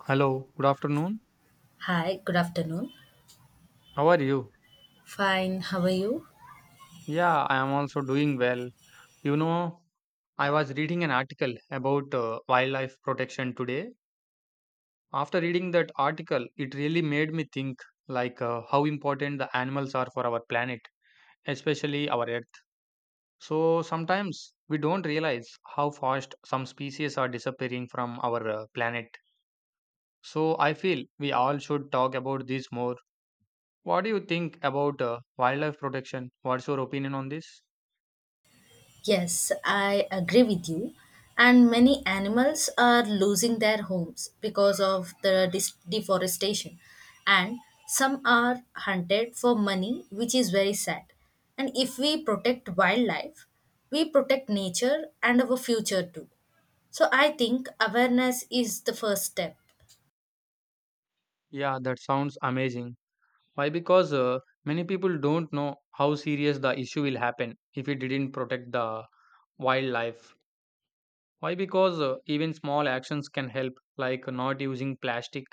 Hello, good afternoon. Hi, good afternoon. How are you? Fine, how are you? Yeah, I am also doing well. You know, I was reading an article about wildlife protection today. After reading that article, it really made me think like how important the animals are for our planet, especially our earth. So sometimes we don't realize how fast some species are disappearing from our planet. So I feel we all should talk about this more. What do you think about wildlife protection? What's your opinion on this? Yes, I agree with you. And many animals are losing their homes because of the deforestation. And some are hunted for money, which is very sad. And if we protect wildlife, we protect nature and our future too. So I think awareness is the first step. Yeah, that sounds amazing. Why? Because many people don't know how serious the issue will happen if we didn't protect the wildlife. Why? Because even small actions can help, like not using plastic,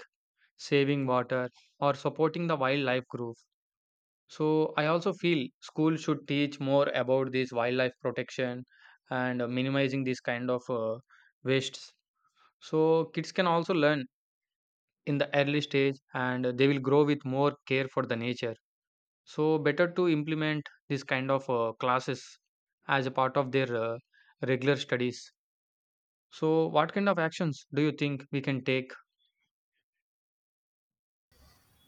saving water, or supporting the wildlife group. So, I also feel schools should teach more about this wildlife protection and minimizing this kind of wastes. So, kids can also learn in the early stage and they will grow with more care for the nature. So better to implement this kind of classes as a part of their regular studies. So what kind of actions do you think we can take?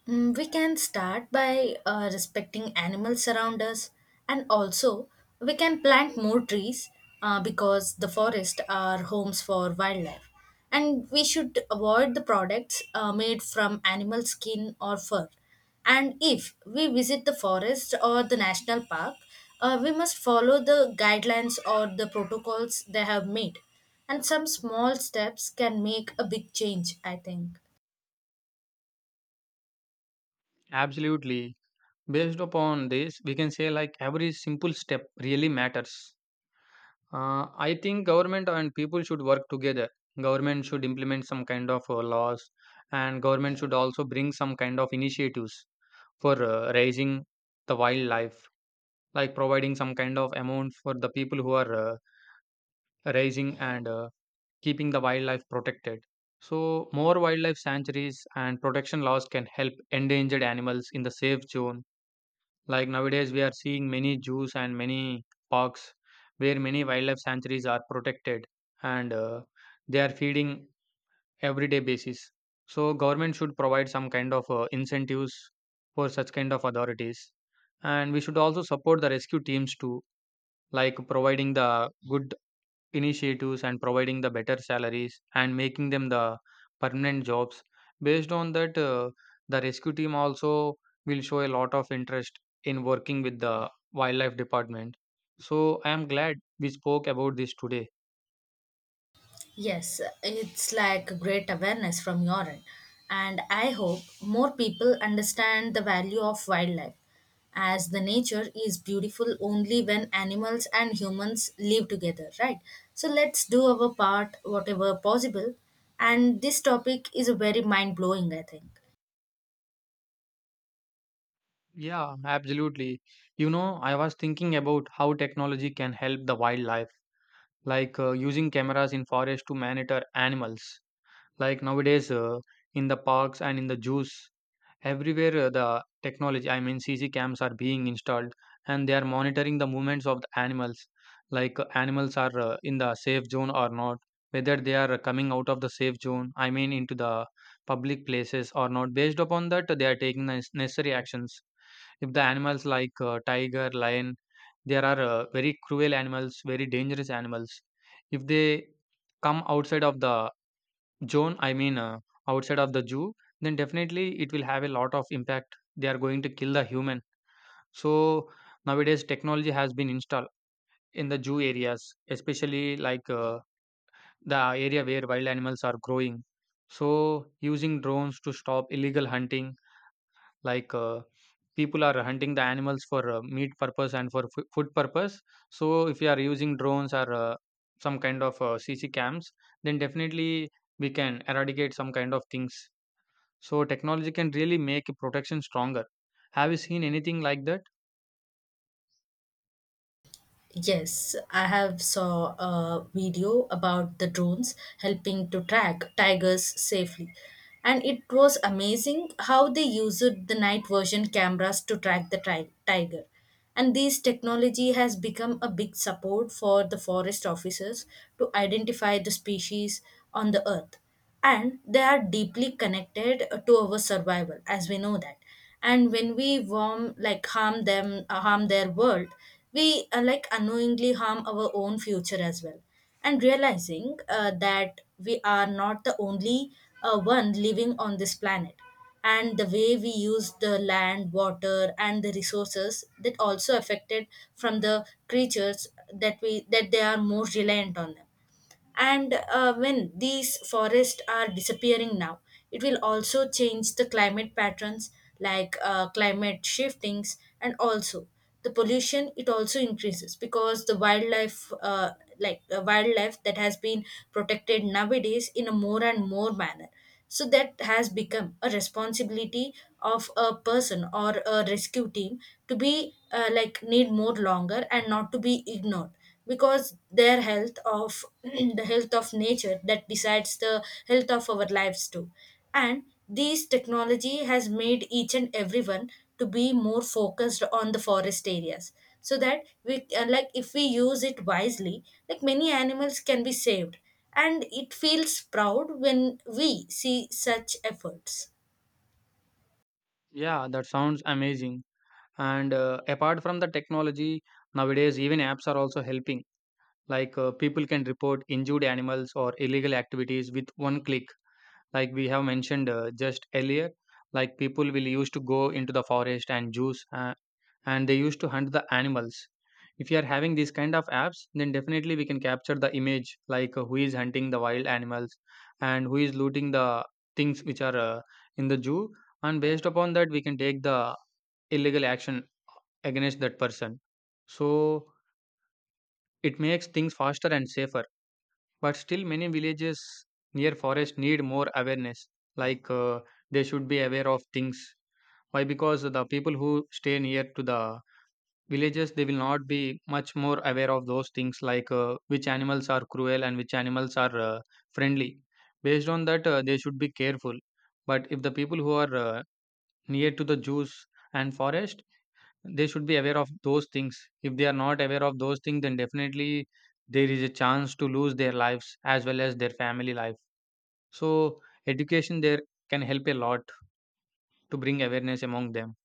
Mm, we can start by respecting animals around us, and also we can plant more trees because the forests are homes for wildlife. And we should avoid the products made from animal skin or fur. And if we visit the forest or the national park, we must follow the guidelines or the protocols they have made. And some small steps can make a big change, I think. Absolutely. Based upon this, we can say like every simple step really matters. I think government and people should work together. Government should implement some kind of laws, and government should also bring some kind of initiatives for raising the wildlife, like providing some kind of amount for the people who are raising and keeping the wildlife protected. So, more wildlife sanctuaries and protection laws can help endangered animals in the safe zone. Like nowadays, we are seeing many zoos and many parks where many wildlife sanctuaries are protected and they are feeding everyday basis. So, government should provide some kind of incentives for such kind of authorities. And we should also support the rescue teams too, like providing the good initiatives and providing the better salaries and making them the permanent jobs based on that, the rescue team also will show a lot of interest in working with the wildlife department so I am glad we spoke about this today. Yes, it's like great awareness from your end. And I hope more people understand the value of wildlife, as the nature is beautiful only when animals and humans live together, right? So let's do our part, whatever possible. And this topic is very mind blowing, I think. Yeah, absolutely. You know, I was thinking about how technology can help the wildlife like using cameras in forest to monitor animals like nowadays in the parks and in the zoos. Everywhere the technology, I mean CG cams are being installed and they are monitoring the movements of the animals. Like animals are in the safe zone or not, whether they are coming out of the safe zone, I mean into the public places or not. Based upon that, they are taking the necessary actions. If the animals like tiger, lion, there are very cruel animals, very dangerous animals. If they come outside of the zone, I mean, outside of the zoo, then definitely it will have a lot of impact. They are going to kill the human. So nowadays, technology has been installed in the zoo areas, especially like the area where wild animals are growing. So using drones to stop illegal hunting, like people are hunting the animals for meat purpose and for food purpose. So if you are using drones or some kind of CC cams, then definitely we can eradicate some kind of things. So technology can really make protection stronger. Have you seen anything like that? Yes, I have saw a video about the drones helping to track tigers safely. And it was amazing how they used the night version cameras to track the tiger. And this technology has become a big support for the forest officers to identify the species on the earth. And they are deeply connected to our survival, as we know that. And when we warm like harm them, harm their world, we like unknowingly harm our own future as well. And realizing that we are not the only one living on this planet, and the way we use the land, water, and the resources, that also affected from the creatures that we that they are more reliant on them. And when these forests are disappearing now, it will also change the climate patterns, like climate shiftings, and also the pollution it also increases, because the wildlife like the wildlife that has been protected nowadays in a more and more manner, so that has become a responsibility of a person or a rescue team to be like need more longer and not to be ignored, because their health of the health of nature that decides the health of our lives too. And this technology has made each and everyone to be more focused on the forest areas, so that we like if we use it wisely, like many animals can be saved, and it feels proud when we see such efforts. Yeah, that sounds amazing. And apart from the technology, nowadays even apps are also helping. Like people can report injured animals or illegal activities with one click. Like we have mentioned just earlier, like people will used to go into the forest and juice and they used to hunt the animals. If you are having these kind of apps, then definitely we can capture the image like who is hunting the wild animals and who is looting the things which are in the zoo, and based upon that we can take the illegal action against that person. So it makes things faster and safer, but still, many villages near forest need more awareness. Like they should be aware of things. Why? Because the people who stay near to the villages, they will not be much more aware of those things like which animals are cruel and which animals are friendly. Based on that, they should be careful. But if the people who are near to the zoos and forest, they should be aware of those things. If they are not aware of those things, then definitely there is a chance to lose their lives as well as their family life. So, education there can help a lot to bring awareness among them.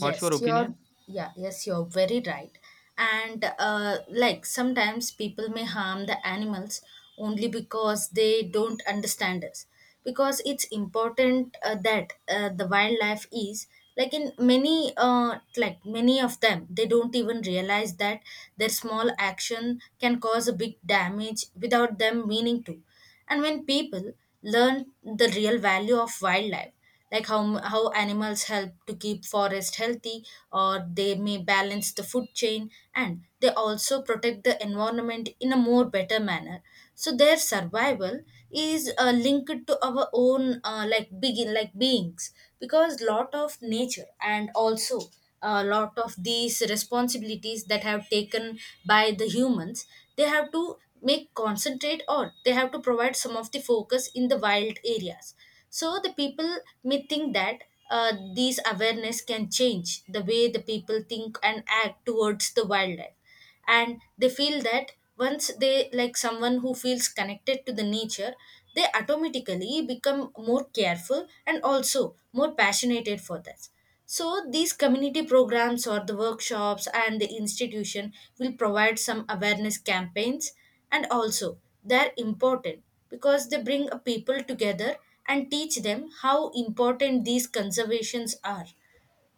What's your opinion? you're Yeah, yes, you're very right. And like sometimes people may harm the animals only because they don't understand us. Because it's important that the wildlife is like in many like many of them, they don't even realize that their small action can cause a big damage without them meaning to. And when people learn the real value of wildlife, like how animals help to keep forest healthy, or they may balance the food chain, and they also protect the environment in a more better manner. So their survival is linked to our own like begin like beings, because lot of nature, and also a lot of these responsibilities that have taken by the humans, they have to make concentrate on, they have to provide some of the focus in the wild areas. So the people may think that these awareness can change the way the people think and act towards the wildlife. And they feel that once they like someone who feels connected to the nature, they automatically become more careful and also more passionate for that. So these community programs, or the workshops and the institution, will provide some awareness campaigns, and also they're important because they bring a people together and teach them how important these conservations are.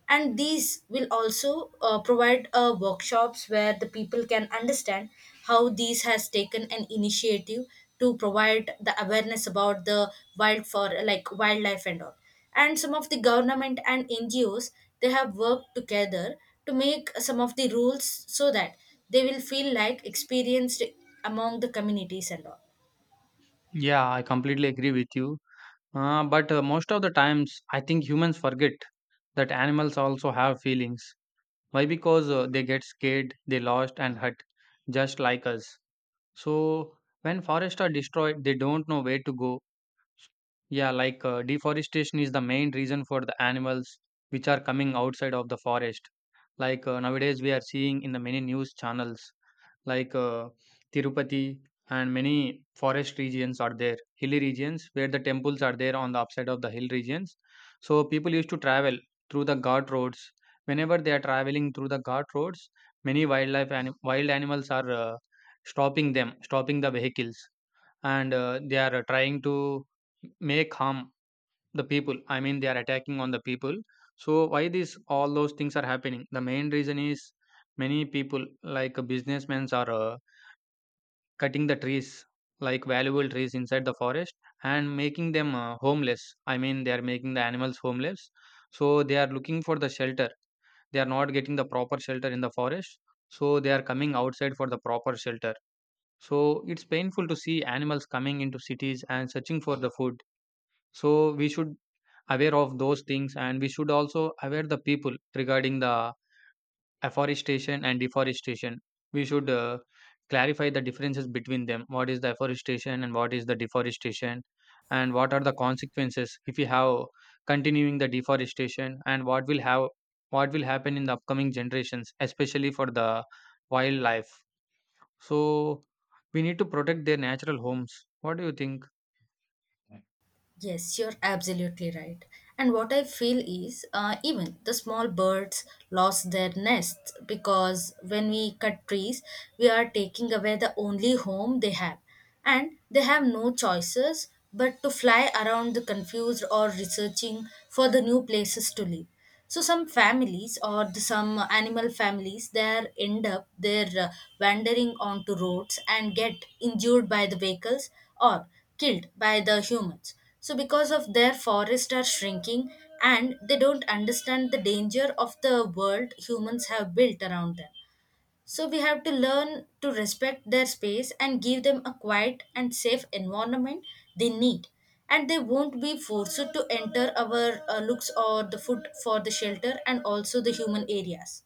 And these will also provide workshops where the people can understand how these has taken an initiative to provide the awareness about the wild for like wildlife and all. And some of the government and ngos, they have worked together to make some of the rules, so that they will feel like experienced among the communities and all. Yeah, I completely agree with you. But most of the times, I think humans forget that animals also have feelings. Why? Because they get scared, they lost, and hurt, just like us. So, when forests are destroyed, they don't know where to go. Yeah, like deforestation is the main reason for the animals which are coming outside of the forest. Like nowadays, we are seeing in the many news channels, like Tirupati and many forest regions are there, hilly regions where the temples are there on the upside of the hill regions. So people used to travel through the guard roads. Whenever they are traveling through the guard roads, many wildlife and wild animals are stopping them, stopping the vehicles and they are trying to make harm the people, I mean they are attacking on the people. So why this all those things are happening, the main reason is many people like businessmen are cutting the trees, like valuable trees inside the forest and making them homeless, I mean they are making the animals homeless. So they are looking for the shelter, they are not getting the proper shelter in the forest, so they are coming outside for the proper shelter. So it's painful to see animals coming into cities and searching for the food. So we should aware of those things and we should also aware the people regarding the afforestation and deforestation. We should clarify the differences between them. What is the afforestation and what is the deforestation, and what are the consequences if we have continuing the deforestation, and what will have what will happen in the upcoming generations, especially for the wildlife. So, we need to protect their natural homes. What do you think? Yes, you're absolutely right. And what I feel is even the small birds lost their nests, because when we cut trees, we are taking away the only home they have. And they have no choices but to fly around the confused or researching for the new places to live. So some families some animal families, they end up they're wandering onto roads and get injured by the vehicles or killed by the humans. So because of their forests are shrinking, and they don't understand the danger of the world humans have built around them. So we have to learn to respect their space and give them a quiet and safe environment they need. And they won't be forced to enter our looks or the food for the shelter and also the human areas.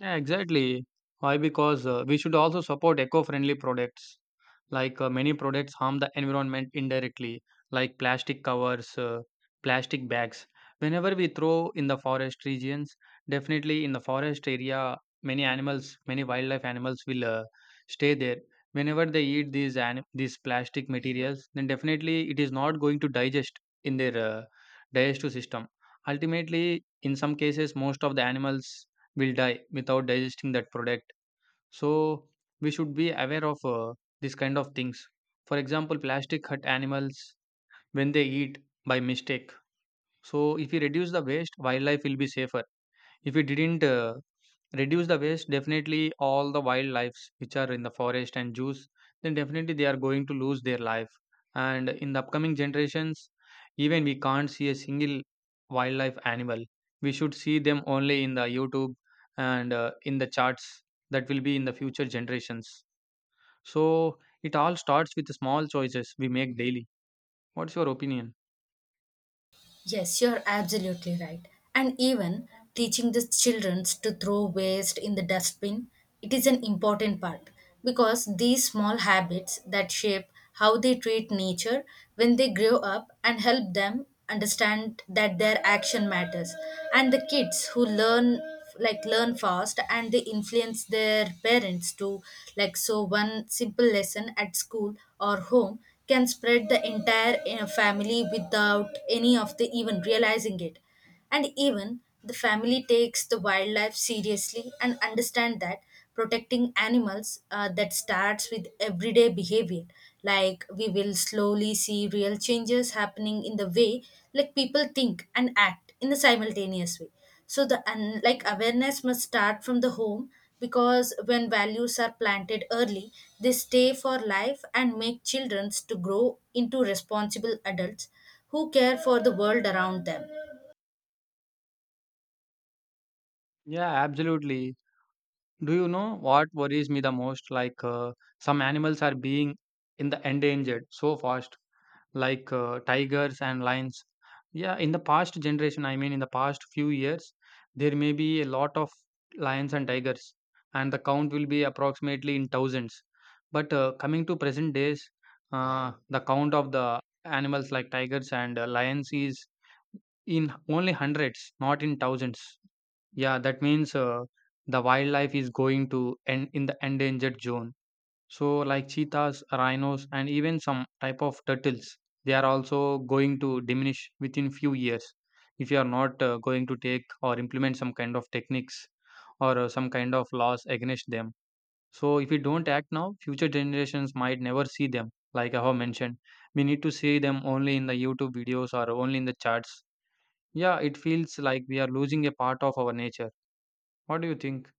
Yeah, exactly. Why? Because we should also support eco-friendly products. Like many products harm the environment indirectly, like plastic covers, plastic bags. Whenever we throw in the forest regions, definitely in the forest area, many animals, many wildlife animals will stay there. Whenever they eat these plastic materials, then definitely it is not going to digest in their digestive system. Ultimately, in some cases, most of the animals will die without digesting that product. So we should be aware of this kind of things. For example, plastic hurt animals when they eat by mistake. So if we reduce the waste, wildlife will be safer. If we didn't reduce the waste, definitely all the wildlife which are in the forest and zoos, then definitely they are going to lose their life. And in the upcoming generations, even we can't see a single wildlife animal. We should see them only in the YouTube and in the charts, that will be in the future generations. So it all starts with the small choices we make daily. What's your opinion? Yes, you're absolutely right. And even teaching the children to throw waste in the dustbin, it is an important part, because these small habits that shape how they treat nature when they grow up, and help them understand that their action matters. And the kids who learn fast, and they influence their parents too. Like, so one simple lesson at school or home can spread the entire family without any of the even realizing it. And even the family takes the wildlife seriously, and understand that protecting animals that starts with everyday behavior, like we will slowly see real changes happening in the way like people think and act in the simultaneous way. So like awareness must start from the home, because when values are planted early, they stay for life and make children to grow into responsible adults who care for the world around them. Yeah, absolutely. Do you know what worries me the most? Like some animals are being in the endangered so fast, like tigers and lions. Yeah, in the past generation, I mean in the past few years, there may be a lot of lions and tigers, and the count will be approximately in thousands. But coming to present days, the count of the animals like tigers and lions is in only hundreds, not in thousands. Yeah, that means the wildlife is going to end in the endangered zone. So, like cheetahs, rhinos, and even some type of turtles, they are also going to diminish within few years if you are not going to take or implement some kind of techniques or some kind of laws against them. So, if we don't act now, future generations might never see them. Like I have mentioned, we need to see them only in the YouTube videos or only in the charts. Yeah, it feels like we are losing a part of our nature. What do you think?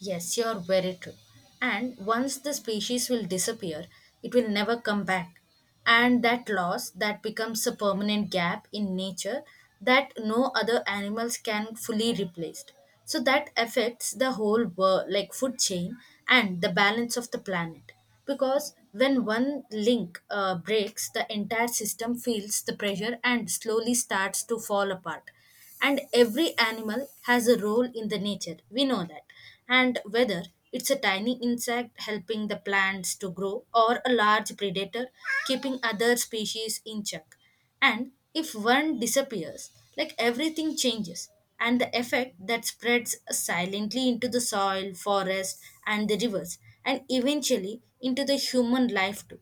Yes, you're very true. And once the species will disappear, it will never come back. And that loss that becomes a permanent gap in nature that no other animals can fully replace. So that affects the whole world like food chain and the balance of the planet. Because when one link breaks, the entire system feels the pressure and slowly starts to fall apart. And every animal has a role in the nature, we know that. And whether it's a tiny insect helping the plants to grow, or a large predator keeping other species in check. And if one disappears, like everything changes, and the effect that spreads silently into the soil, forest, and the rivers, and eventually into the human life too.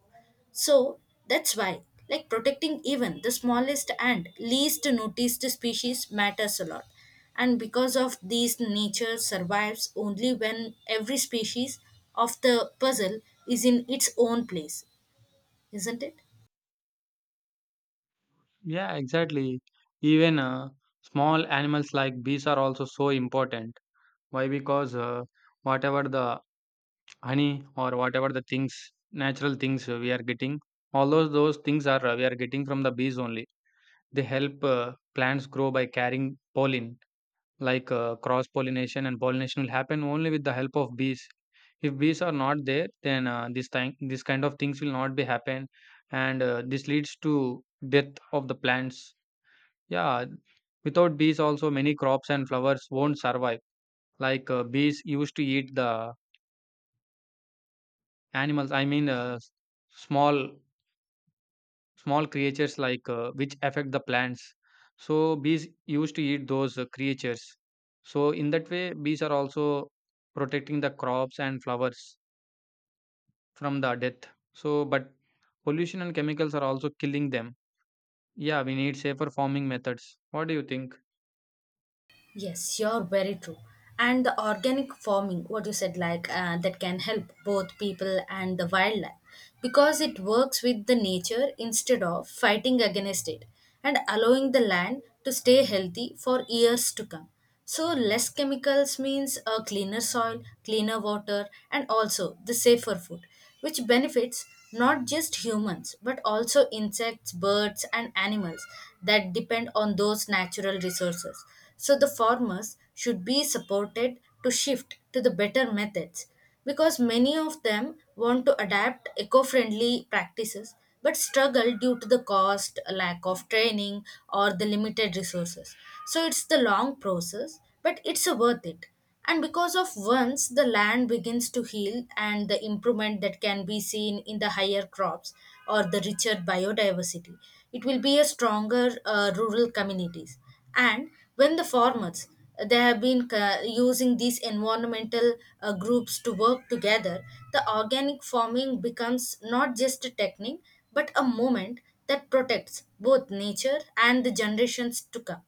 So that's why, like protecting even the smallest and least noticed species matters a lot. And because of these, nature survives only when every species of the puzzle is in its own place, isn't it? Yeah, exactly. Even small animals like bees are also so important. Why? Because whatever the honey or whatever the things, natural things we are getting, all those things are we are getting from the bees only. They help plants grow by carrying pollen. Like cross pollination and pollination will happen only with the help of bees. If bees are not there, then this thing, this kind of things will not be happen, and this leads to death of the plants yeah, without bees, also many crops and flowers won't survive. Like bees used to eat the animals. I mean, small small creatures like which affect the plants. So bees used to eat those creatures. So in that way, bees are also protecting the crops and flowers from the death. So, but pollution and chemicals are also killing them. Yeah, we need safer farming methods. What do you think? Yes, you're very true. And the organic farming, what you said, like that can help both people and the wildlife, because it works with the nature instead of fighting against it, and allowing the land to stay healthy for years to come. So, less chemicals means a cleaner soil, cleaner water, and also the safer food, which benefits not just humans but also insects, birds, and animals that depend on those natural resources. So, the farmers should be supported to shift to the better methods, because many of them want to adapt eco friendly practices but struggle due to the cost, lack of training, or the limited resources. So it's the long process, but it's worth it. And because of once the land begins to heal, and the improvement that can be seen in the higher crops or the richer biodiversity, it will be a stronger rural communities. And when the formats they have been using these environmental groups to work together, the organic farming becomes not just a technique but a movement that protects both nature and the generations to come.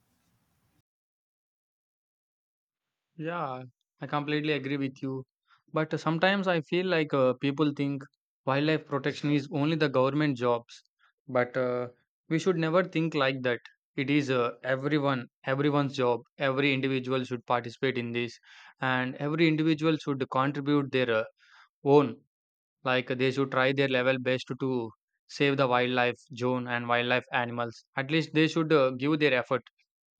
Yeah, I completely agree with you. But sometimes I feel like people think wildlife protection is only the government jobs. But we should never think like that. It is everyone's job. Every individual should participate in this, and every individual should contribute their own. Like they should try their level best to save the wildlife zone and wildlife animals. At least they should give their effort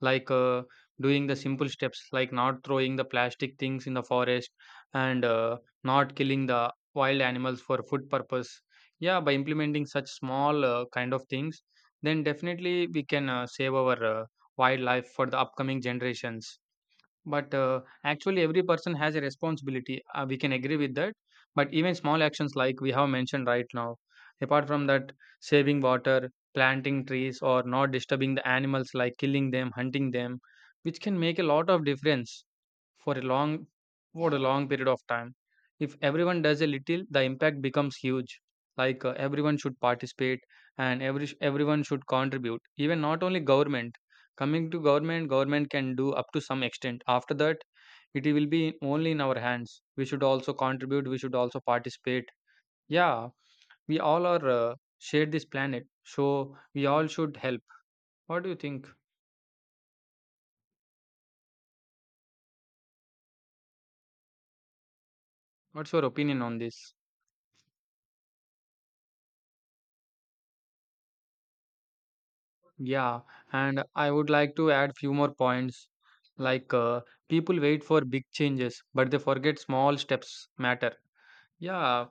like doing the simple steps like not throwing the plastic things in the forest and not killing the wild animals for food purpose, yeah, by implementing such small kind of things then definitely we can save our wildlife for the upcoming generations. But actually every person has a responsibility, we can agree with that. But even small actions like we have mentioned right now, apart from that, saving water, planting trees, or not disturbing the animals like killing them, hunting them, which can make a lot of difference for a long for a long period of time. If everyone does a little, the impact becomes huge. Like everyone should participate and everyone should contribute. Even not only government. Coming to government, government can do up to some extent. After that, it will be only in our hands. We should also contribute. We should also participate. Yeah, we all are share this planet, so we all should help. What do you think? What's your opinion on this? Yeah, and I would like to add few more points. Like people wait for big changes, but they forget small steps matter. Yeah,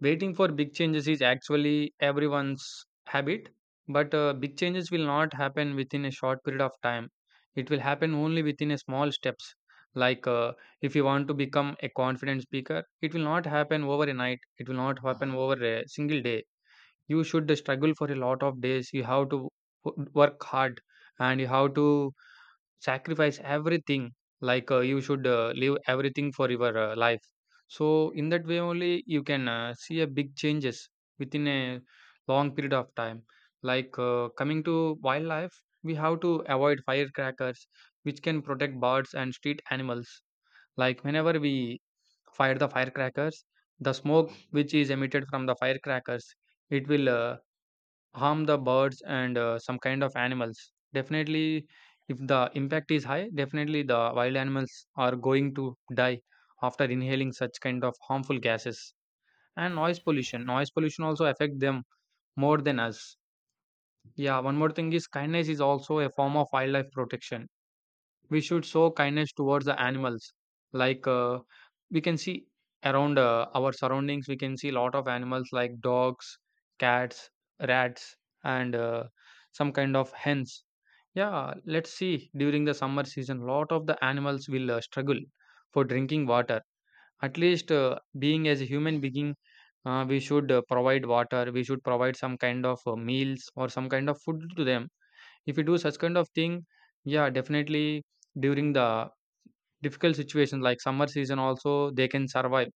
waiting for big changes is actually everyone's habit, but big changes will not happen within a short period of time. It will happen only within a small steps. Like if you want to become a confident speaker, it will not happen over a night. It will not happen over a single day. You should struggle for a lot of days. You have to work hard and you have to sacrifice everything, like you should leave everything for your life. So in that way only you can see a big changes within a long period of time. Like coming to wildlife, we have to avoid firecrackers, which can protect birds and street animals. Like whenever we fire the firecrackers, the smoke which is emitted from the firecrackers, it will harm the birds and some kind of animals. Definitely, if the impact is high, definitely the wild animals are going to die after inhaling such kind of harmful gases. And noise pollution also affect them more than us. Yeah, one more thing is kindness is also a form of wildlife protection. We should show kindness towards the animals. Like we can see around our surroundings, we can see a lot of animals like dogs, cats, rats, and some kind of hens. Yeah, let's see, during the summer season, lot of the animals will struggle for drinking water. At least being as a human being, we should provide water, we should provide some kind of meals or some kind of food to them. If you do such kind of thing, yeah, definitely during the difficult situation like summer season also they can survive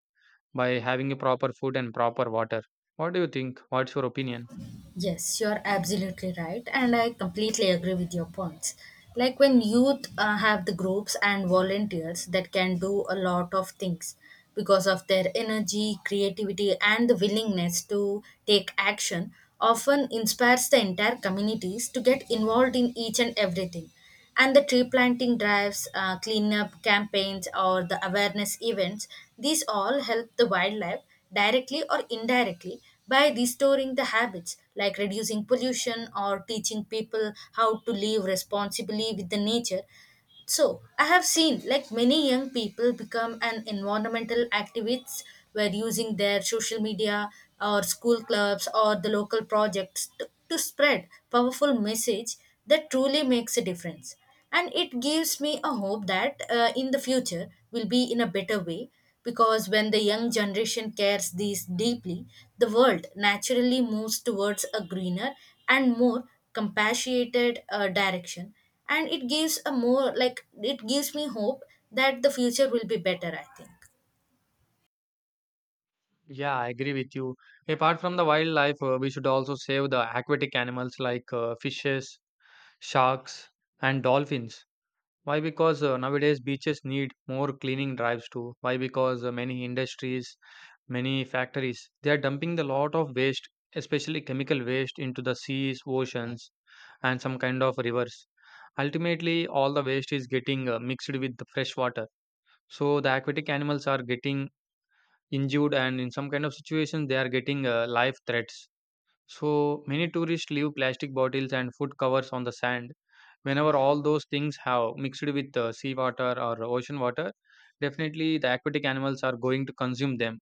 by having a proper food and proper water. What do you think? What's your opinion? Yes, you are absolutely right, and I completely agree with your points. Like when youth have the groups and volunteers that can do a lot of things, because of their energy, creativity, and the willingness to take action, often inspires the entire communities to get involved in each and everything. And the tree planting drives, cleanup campaigns, or the awareness events, these all help the wildlife directly or indirectly by restoring the habits, like reducing pollution or teaching people how to live responsibly with the nature. So, I have seen like many young people become an environmental activists, were using their social media or school clubs or the local projects to spread powerful message that truly makes a difference. And it gives me a hope that in the future will be in a better way, because when the young generation cares these deeply, the world naturally moves towards a greener and more compassionate direction. And it gives a more like it gives me hope that the future will be better, I think. Yeah, I agree with you. Apart from the wildlife, we should also save the aquatic animals like fishes, sharks, and dolphins. Why? Because nowadays beaches need more cleaning drives too. Why? Because many industries, many factories, they are dumping the lot of waste, especially chemical waste, into the seas, oceans, and some kind of rivers. Ultimately, all the waste is getting mixed with the fresh water. So the aquatic animals are getting injured, and in some kind of situations, they are getting life threats. So many tourists leave plastic bottles and food covers on the sand. Whenever all those things have mixed with sea water or ocean water, definitely the aquatic animals are going to consume them.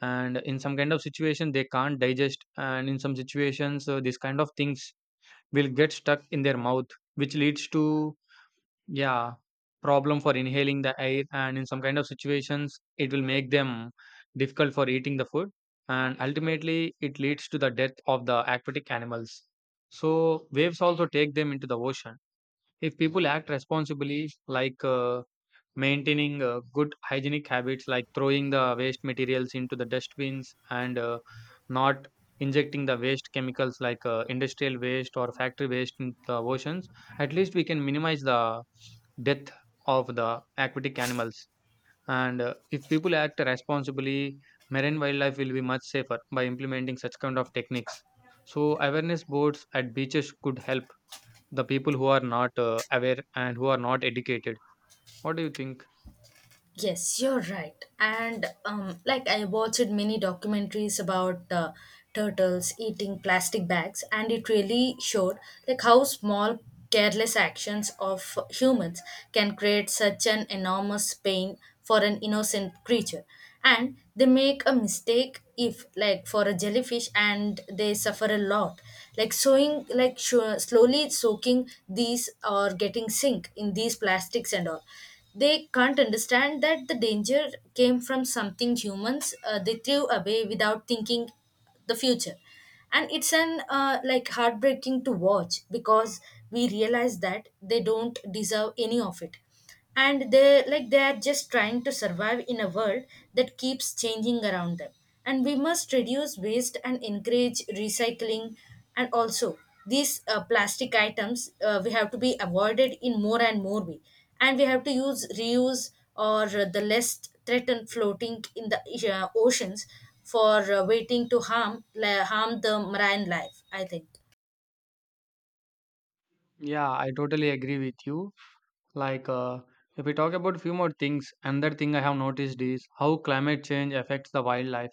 And in some kind of situation, they can't digest. And in some situations, these kind of things will get stuck in their mouth, which leads to, yeah, problem for inhaling the air, and in some kind of situations, it will make them difficult for eating the food, and ultimately, it leads to the death of the aquatic animals. So, waves also take them into the ocean. If people act responsibly, like maintaining good hygienic habits like throwing the waste materials into the dustbins and not injecting the waste chemicals like industrial waste or factory waste in the oceans, at least we can minimize the death of the aquatic animals. And if people act responsibly, marine wildlife will be much safer by implementing such kind of techniques. So, awareness boards at beaches could help the people who are not aware and who are not educated. What do you think? Yes, you're right. And like I watched many documentaries about turtles eating plastic bags, and it really showed like how small careless actions of humans can create such an enormous pain for an innocent creature. And they make a mistake if like for a jellyfish, and they suffer a lot. Like sewing, like sure, slowly soaking these or getting sink in these plastics and all, they can't understand that the danger came from something humans they threw away without thinking the future. And it's an like heartbreaking to watch, because we realize that they don't deserve any of it, and they like they are just trying to survive in a world that keeps changing around them. And we must reduce waste and encourage recycling, and also these plastic items we have to be avoided in more and more way, and we have to use reuse or the less threatened floating in the oceans for waiting to harm the marine life, I think. Yeah, I totally agree with you. Like, if we talk about few more things, another thing I have noticed is how climate change affects the wildlife.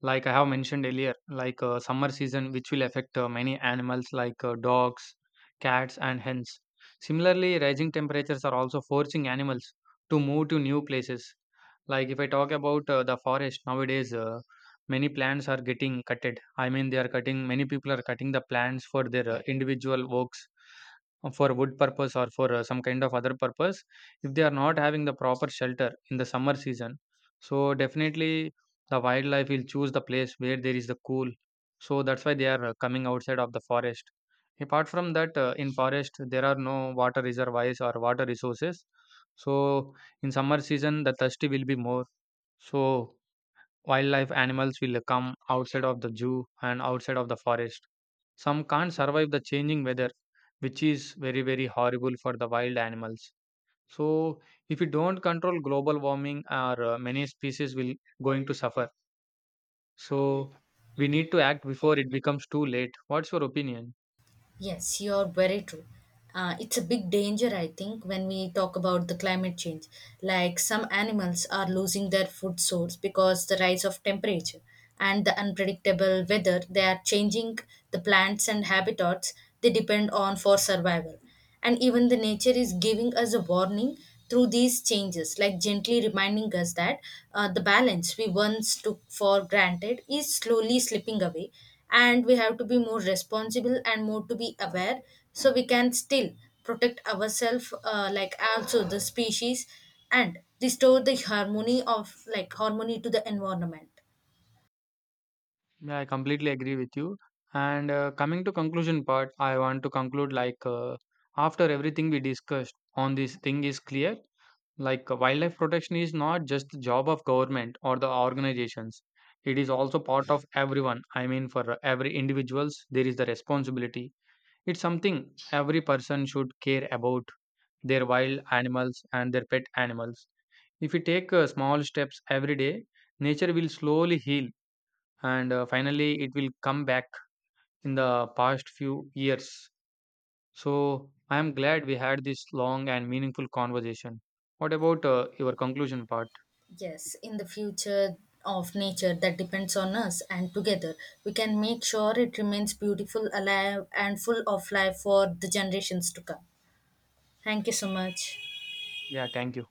Like I have mentioned earlier, like summer season, which will affect many animals like dogs, cats, and hens. Similarly, rising temperatures are also forcing animals to move to new places. Like if I talk about the forest nowadays, many plants are getting cutted. I mean, they are cutting. Many people are cutting the plants for their individual works, for wood purpose or for some kind of other purpose. If they are not having the proper shelter in the summer season, so definitely the wildlife will choose the place where there is the cool. So that's why they are coming outside of the forest. Apart from that, in forest there are no water reservoirs or water resources. So in summer season, the thirsty will be more. So wildlife animals will come outside of the zoo and outside of the forest. Some can't survive the changing weather, which is very, very horrible for the wild animals. So, if we don't control global warming, our many species will going to suffer. So, we need to act before it becomes too late. What's your opinion? Yes, you're very true. It's a big danger, I think, when we talk about the climate change, like some animals are losing their food source because the rise of temperature, and the unpredictable weather they are changing the plants and habitats they depend on for survival. And even the nature is giving us a warning through these changes, like gently reminding us that the balance we once took for granted is slowly slipping away. And we have to be more responsible and more to be aware, so we can still protect ourselves like also the species, and restore the harmony of harmony to the environment. Yeah, I completely agree with you. And coming to conclusion part, I want to conclude like after everything we discussed on this thing is clear. Like wildlife protection is not just the job of government or the organizations. It is also part of everyone. I mean, for every individuals, there is the responsibility. It's something every person should care about their wild animals and their pet animals. If we take small steps every day, nature will slowly heal and finally it will come back in the past few years. So I am glad we had this long and meaningful conversation. What about your conclusion part? Yes, in the future of nature that depends on us, and together we can make sure it remains beautiful, alive, and full of life for the generations to come. Thank you so much. Yeah, thank you.